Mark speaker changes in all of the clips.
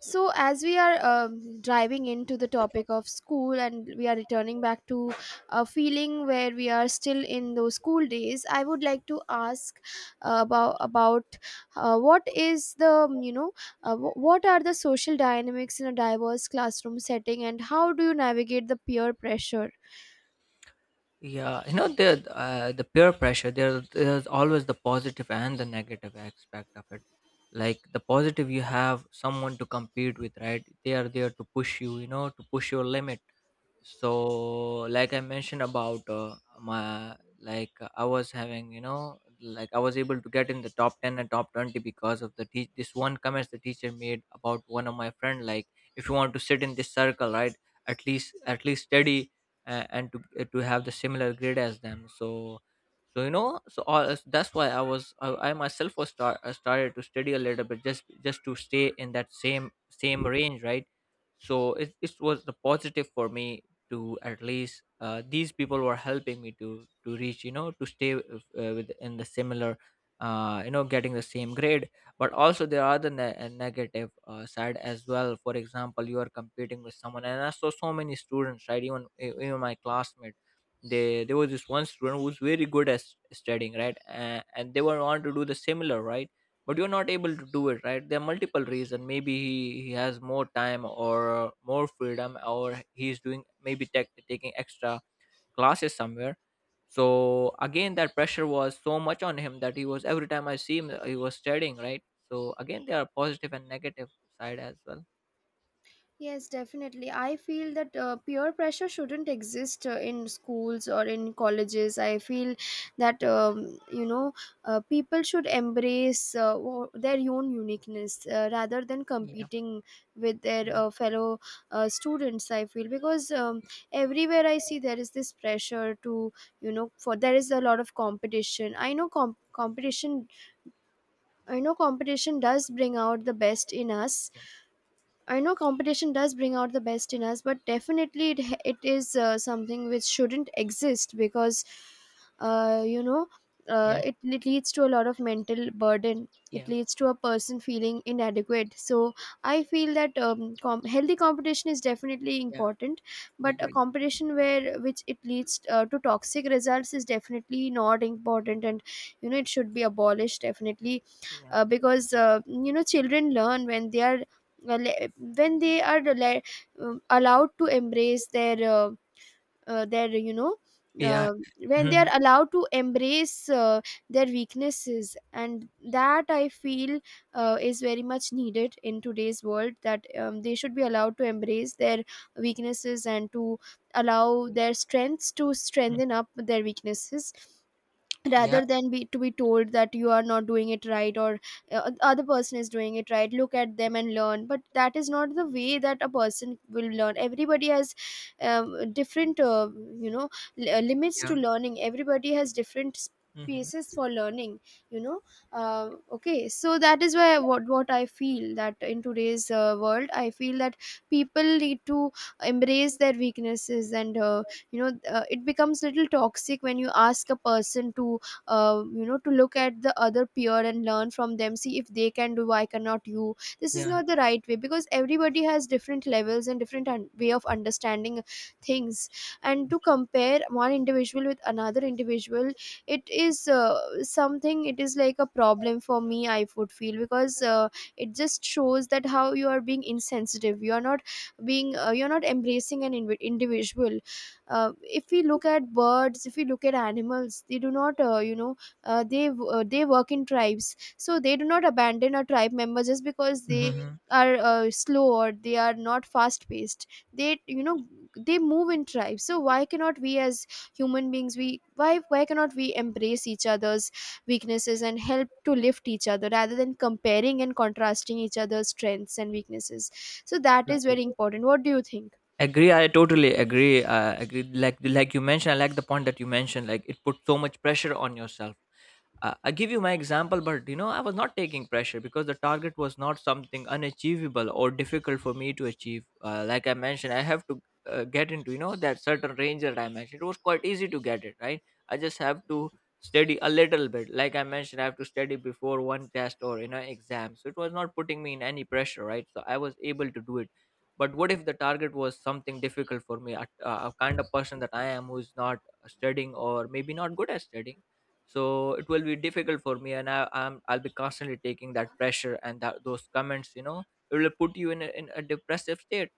Speaker 1: So, as we are driving into the topic of school and we are returning back to a feeling where we are still in those school days, I would like to ask about what is the you know wh- what are the social dynamics in a diverse classroom setting and how do you navigate the peer pressure?
Speaker 2: Yeah, the the peer pressure. There's always the positive and the negative aspect of it. Like the positive, you have someone to compete with, right? They are there to push you, to push your limit. So like I mentioned about my, like, I was having, like, I was able to get in the top 10 and top 20 because of the teach this one comments the teacher made about one of my friend, like, if you want to sit in this circle, right, at least study. And to have the similar grade as them, so so all, that's why I was I myself was I started to study a little bit, just to stay in that same range, right. So it was the positive for me, to at least these people were helping me to reach, to stay, with in the similar, getting the same grade. But also there are the negative side as well. For example, you are competing with someone, and I saw so many students, right, even even my classmates, they there was this one student who was very good at studying, right, and they were want to do the similar, right, but you're not able to do it, right. There are multiple reasons, maybe he has more time or more freedom, or he's doing maybe taking extra classes somewhere. So again, that pressure was so much on him that he was every time I see him he was studying, right. So again, there are positive and negative side as well.
Speaker 1: Yes, definitely. I feel that peer pressure shouldn't exist in schools or in colleges. I feel that people should embrace their own uniqueness rather than
Speaker 2: Yeah,
Speaker 1: competing with their
Speaker 2: yeah,
Speaker 1: fellow students. I feel because everywhere I see there is this pressure to you know for there is a lot of competition. I know competition. I know competition does bring out the best in us I know competition does bring out the best in us, but definitely it is something which shouldn't exist because, uh, you know,
Speaker 2: yeah,
Speaker 1: it leads to a lot of mental burden. It
Speaker 2: yeah,
Speaker 1: leads to a person feeling inadequate. So I feel that healthy competition is definitely
Speaker 2: yeah.
Speaker 1: important, but a
Speaker 2: Agree.
Speaker 1: competition where which it leads to toxic results is definitely not important, and you know it should be abolished definitely.
Speaker 2: Yeah,
Speaker 1: Because children learn when they are le- when they are le- allowed to embrace their uh, their you know
Speaker 2: yeah.
Speaker 1: uh, when they are
Speaker 2: Mhm.
Speaker 1: allowed to embrace their weaknesses. And that I feel is very much needed in today's world, that they should be allowed to embrace their weaknesses and to allow
Speaker 2: Yeah,
Speaker 1: their strengths to
Speaker 2: mm,
Speaker 1: strengthen up their weaknesses,
Speaker 2: yeah.
Speaker 1: rather than be told that you are not doing it right, or the other person is doing it right, look at them and learn. But that is not the way that a person will learn. Everybody has different you know limits to
Speaker 2: Yeah.
Speaker 1: learning. Everybody has different
Speaker 2: Mhm.
Speaker 1: spaces for learning, you know. Uh, okay so that is why, what I feel that in today's world, I feel that people need to embrace their weaknesses. And you know it becomes little toxic when you ask a person to to look at the other peer and learn from them, see if they can do, why cannot you. This is
Speaker 2: Yeah.
Speaker 1: not the right way, because everybody has different levels and different way of understanding things. And to compare one individual with another individual, it is something, it is like a problem for me, I would feel, because it just shows that how you are being insensitive, you are not being you're not embracing an individual. If we look at birds, if we look at animals, they do not they work in tribes, so they do not abandon a tribe member just because they
Speaker 2: Mhm.
Speaker 1: are slow or they are not fast paced. They, you know, they move in tribes. So why cannot we as human beings, we why cannot we embrace each other's weaknesses and help to lift each other rather than comparing and contrasting each other's strengths and weaknesses? So that is very important. What do you think?
Speaker 2: Agree, I totally agree, agree, like you mentioned, I like the point that you mentioned, like it put so much pressure on yourself. I give you my example. But I was not taking pressure because the target was not something unachievable or difficult for me to achieve. Like I mentioned, I have to get into that certain range that I mentioned. It was quite easy to get it, right. I just have to study a little bit. Like I mentioned, I have to study before one test or exam, so it was not putting me in any pressure, right, so I was able to do it. But what if the target was something difficult for me, a kind of person that I am, who is not studying or maybe not good at studying? So it will be difficult for me, and I'll be constantly taking that pressure and those comments, it will put you in a depressive state.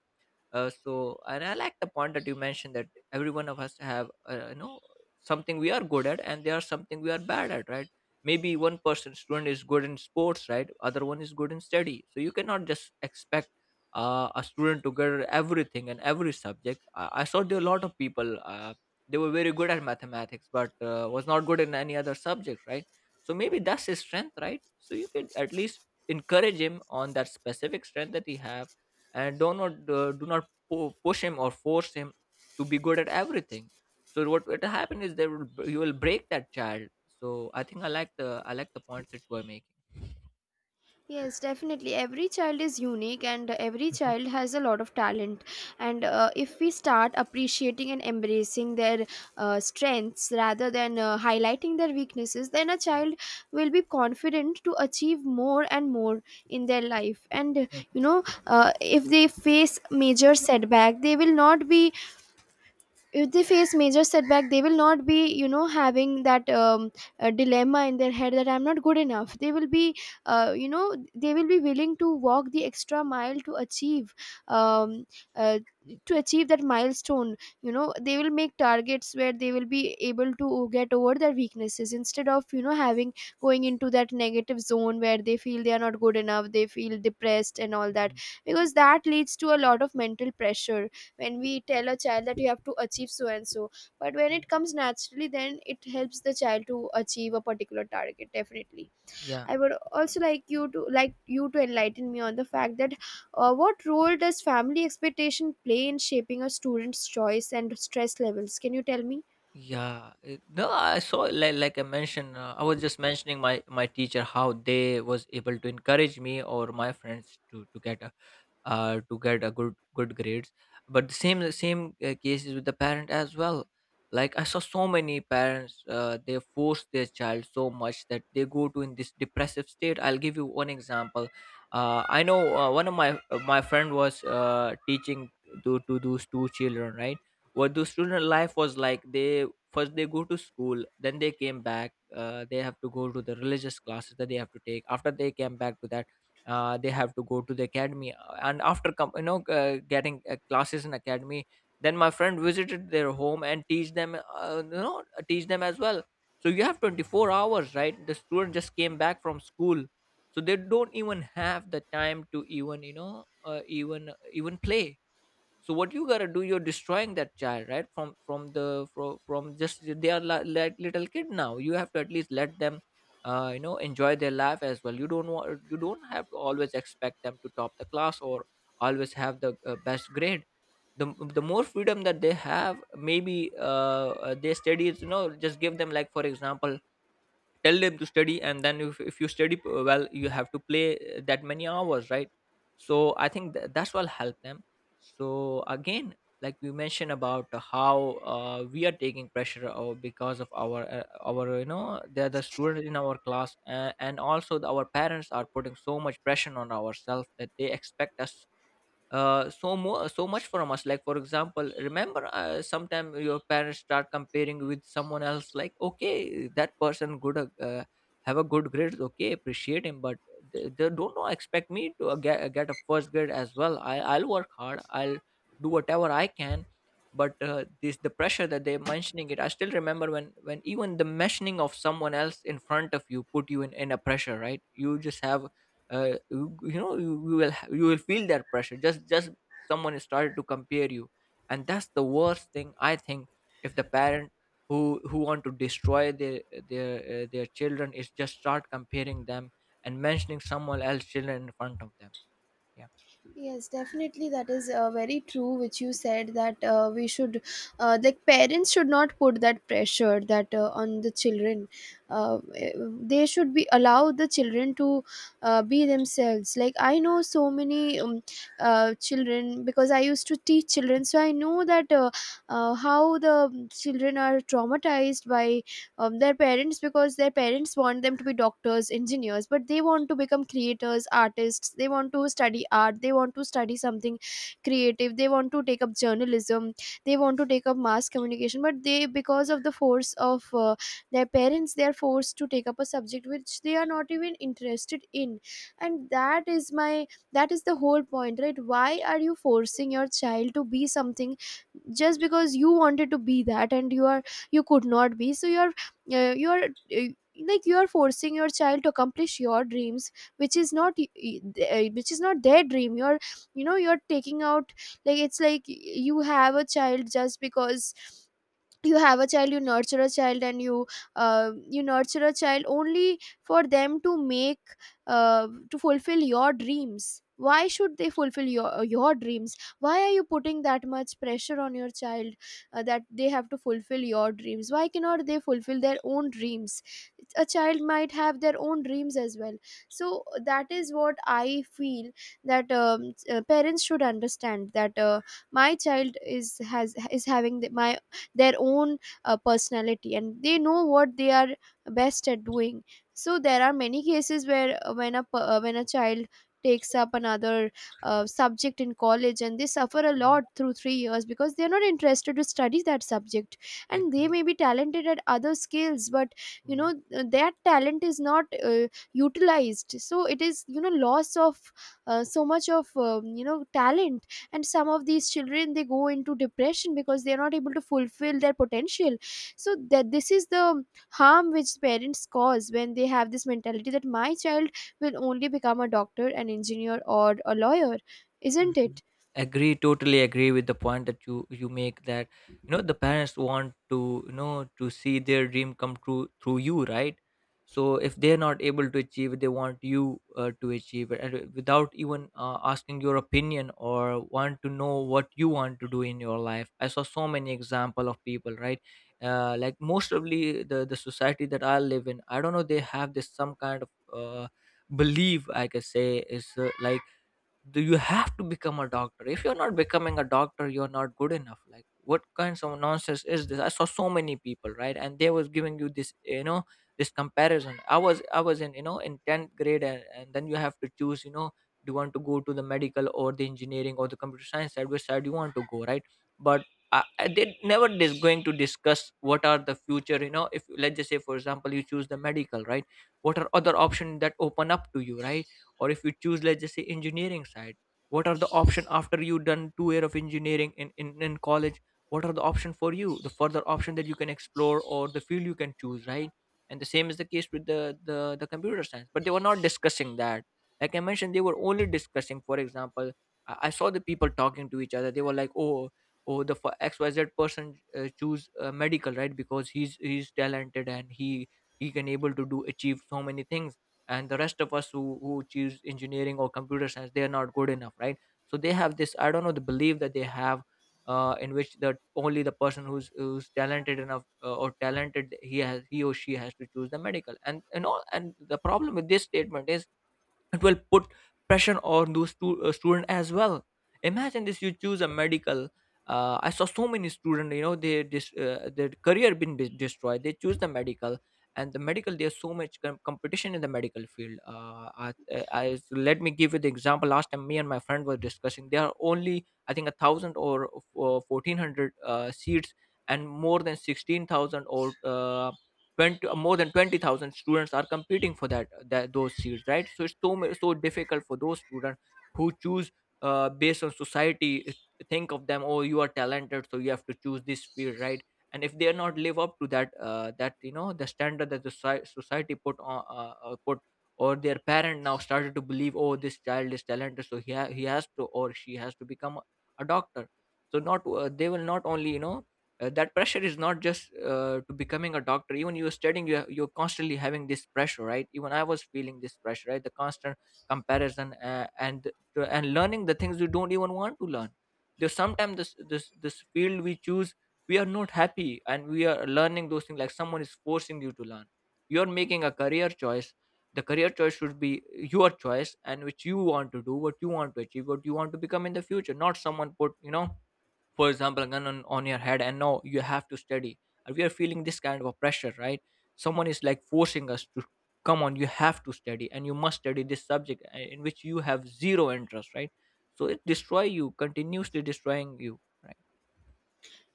Speaker 2: So and I like the point that you mentioned, that every one of us have something we are good at, and there are something we are bad at, right. Maybe one person student is good in sports, right, other one is good in study, so you cannot just expect a student to get everything and every subject. I saw there a lot of people, they were very good at mathematics, but was not good in any other subject, right. So maybe that's his strength, right, so you could at least encourage him on that specific strength that he have, and do not push him or force him to be good at everything. So what will happen is you will break that child. So I think I like the points that you are making.
Speaker 1: Yes, definitely. Every child is unique and every child has a lot of talent. And if we start appreciating and embracing their strengths rather than highlighting their weaknesses, then a child will be confident to achieve more and more in their life. And
Speaker 2: Mhm,
Speaker 1: you know, if they face major setback, they will not be, if they face major setback they will not be you know, having that dilemma in their head that I'm not good enough. They will be uh, you know they will be willing to walk the extra mile um, uh, to achieve that milestone. You know, they will make targets where they will be able to get over their weaknesses, instead of, you know, having going into that negative zone where they feel they are not good enough, they feel depressed and all that,
Speaker 2: mhm.
Speaker 1: because that leads to a lot of mental pressure. When we tell a child that you have to achieve so and so, but when it comes naturally, then it helps the child to achieve a particular target definitely.
Speaker 2: Yeah,
Speaker 1: I would also like you to enlighten me on the fact that what role does family expectation play in shaping a student's choice and stress levels? Can you tell me?
Speaker 2: yeah. No, I saw, like, I mentioned, I was just mentioning my teacher how they was able to encourage me or my friends to get a good grades. But the same case is with the parent as well. Like I saw so many parents, they force their child so much that they go to in this depressive state. I'll give you one example. I know, one of my, my friend was teaching to those two children, right. What the student life was like: they first they go to school, then they came back, they have to go to the religious classes that they have to take, after they came back to that, they have to go to the academy. And after getting classes in academy, then my friend visited their home and teach them, teach them as well. So you have 24 hours, right. The student just came back from school, so they don't even have the time to even play. So what you gotta do, you're destroying that child, right from just, they are like little kid. Now you have to at least let them enjoy their life as well. You don't have to always expect them to top the class or always have the best grade. The more freedom that they have, maybe they studies, just give them, like for example, tell them to study, and then if you study well, you have to play that many hours, right. So I think that's what help them. So again, like we mentioned about how we are taking pressure or because of our, they're the students in our class, and also our parents are putting so much pressure on ourselves, that they expect us, so more so much from us. Like for example, remember, sometime your parents start comparing with someone else, like, okay, that person good, have a good grades, okay, appreciate him. But they don't know expect me to get a first grade as well. I'll work hard, I'll do whatever I can. But this the pressure that they're mentioning it, I still remember when even the mentioning of someone else in front of you put you in a pressure, right. You just have, you will feel that pressure, just someone is started to compare you. And that's the worst thing, I think, if the parent who want to destroy their their children, is just start comparing them and mentioning someone else's children in front of them. Yeah.
Speaker 1: Yes, definitely. That is very true, which you said, that we should, like, parents should not put that pressure that on the children. They should be, allow the children to be themselves. Like I know so many children, because I used to teach children, so I know that how the children are traumatized by their parents, because their parents want them to be doctors, engineers, but they want to become creators, artists. They want to study art, they want to study something creative, they want to take up journalism, they want to take up mass communication. But they, because of the force of their parents, they are forced to take up a subject which they are not even interested in. And that is my, that is the whole point, right? Why are you forcing your child to be something just because you wanted to be that and you are you could not be, so you're you are like, you are forcing your child to accomplish your dreams, which is not which is not their dream. You're, you know, you're taking out, like it's like y- you have a child. Just because you have a child, you nurture a child, and you you nurture a child only for them to make to fulfill your dreams. Why should they fulfill your dreams? Why are you putting that much pressure on your child that they have to fulfill your dreams? Why cannot they fulfill their own dreams? A child might have their own dreams as well. So that is what I feel, that parents should understand that my child is, has, is having their own personality, and they know what they are best at doing. So there are many cases where when a child takes up another subject in college and they suffer a lot
Speaker 2: Mhm.
Speaker 1: through 3 years because they are not interested to study that subject.
Speaker 2: I
Speaker 1: And they
Speaker 2: agree.
Speaker 1: may be talented at other skills, but you know that talent is not utilized. So it is, you know, loss of so much of you know, talent. And some of these children, they go into depression because they're not able to fulfill their potential. So that, this is the harm which parents cause when they have this mentality that my child will only become a doctor, an engineer, or a lawyer. Isn't
Speaker 2: Mhm.
Speaker 1: it?
Speaker 2: Agree, totally agree with the point that you make, that you know the parents want to, to see their dream come true through you, right? So if they're not able to achieve it, they want you, to achieve it, and, without even asking your opinion or want to know what you want to do in your life. I saw so many example of people, right? Like most of the society that I live in, I don't know they have this some kind of belief, I can say is like, do you have to become a doctor? If you're not becoming a doctor, you're not good enough. Like, what kinds of nonsense is this? I saw so many people, right, and they was giving you this, this comparison. I was in, in 10th grade, and then you have to choose, do you want to go to the medical or the engineering or the computer science side, which side you want to go, right? But they never is going to discuss what are the future, you know, if let's just say for example you choose the medical, right, what are other options that open up to you, right, or if you choose, let's just say, engineering side, what are the option after you done 2 year of engineering in college, what are the option for you, the further option that you can explore or the field you can choose, right. And the same is the case with the computer science, but they were not discussing that. Like I mentioned, they were only discussing for example, I saw the people talking to each other, they were like, oh, the for XYZ person, choose medical, right, because he's talented and he can able to do achieve so many things. And the rest of us who choose engineering or computer science, they are not good enough, right. So they have this, I don't know, the belief that they have, in which that only the person who's talented enough, or talented, he or she has to choose the medical, and all. And the problem with this statement is, it will put pressure on those student as well. Imagine this: you choose a medical, I saw so many student, you know, they their career been destroyed, they choose the medical. And the medical, there's so much competition in the medical field. So let me give you the example. Last time me and my friend were discussing, there are only I think a thousand or 1400 seats, and more than 16,000 or 20, more than 20,000 students are competing for that those seats, right, so it's so difficult for those students who choose based on society, think of them, oh, you are talented so you have to choose this field, right. And if they are not live up to that you know the standard that the society put on, put or their parent now started to believe, oh, this child is talented, so he has to or she has to become a doctor. So not uh, they will not only, that pressure is not just, to becoming a doctor, even you're studying, you're constantly having this pressure, right, even I was feeling this pressure, right, the constant comparison, and learning the things you don't even want to learn. There's sometimes this field we choose, we are not happy, and we are learning those things like someone is forcing you to learn. You're making a career choice. The career choice should be your choice, and which you want to do, what you want to achieve, what you want to become in the future, not someone put, for example, a gun on your head, and now you have to study. And we are feeling this kind of a pressure, right, someone is like forcing us to, come on, you have to study, and you must study this subject, in which you have zero interest, right, so it destroy you continuously destroying you, right.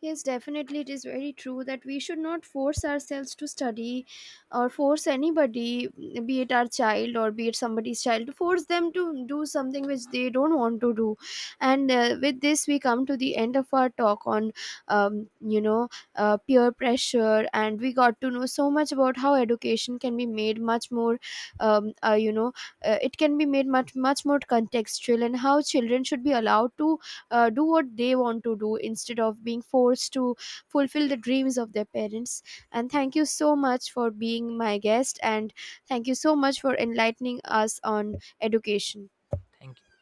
Speaker 1: Yes, definitely, it is very true that we should not force ourselves to study or force anybody, be it our child or be it somebody's child, to force them to do something which they don't want to do. And with this, we come to the end of our talk on, um, you know, peer pressure. And we got to know so much about how education can be made much more, um, uh, you know, it can be made much, much more contextual, and how children should be allowed to do what they want to do instead of being forced to fulfill the dreams of their parents. And
Speaker 2: Yeah,
Speaker 1: thank you so much for being my guest, and thank you so much for enlightening us on education.
Speaker 2: thank you.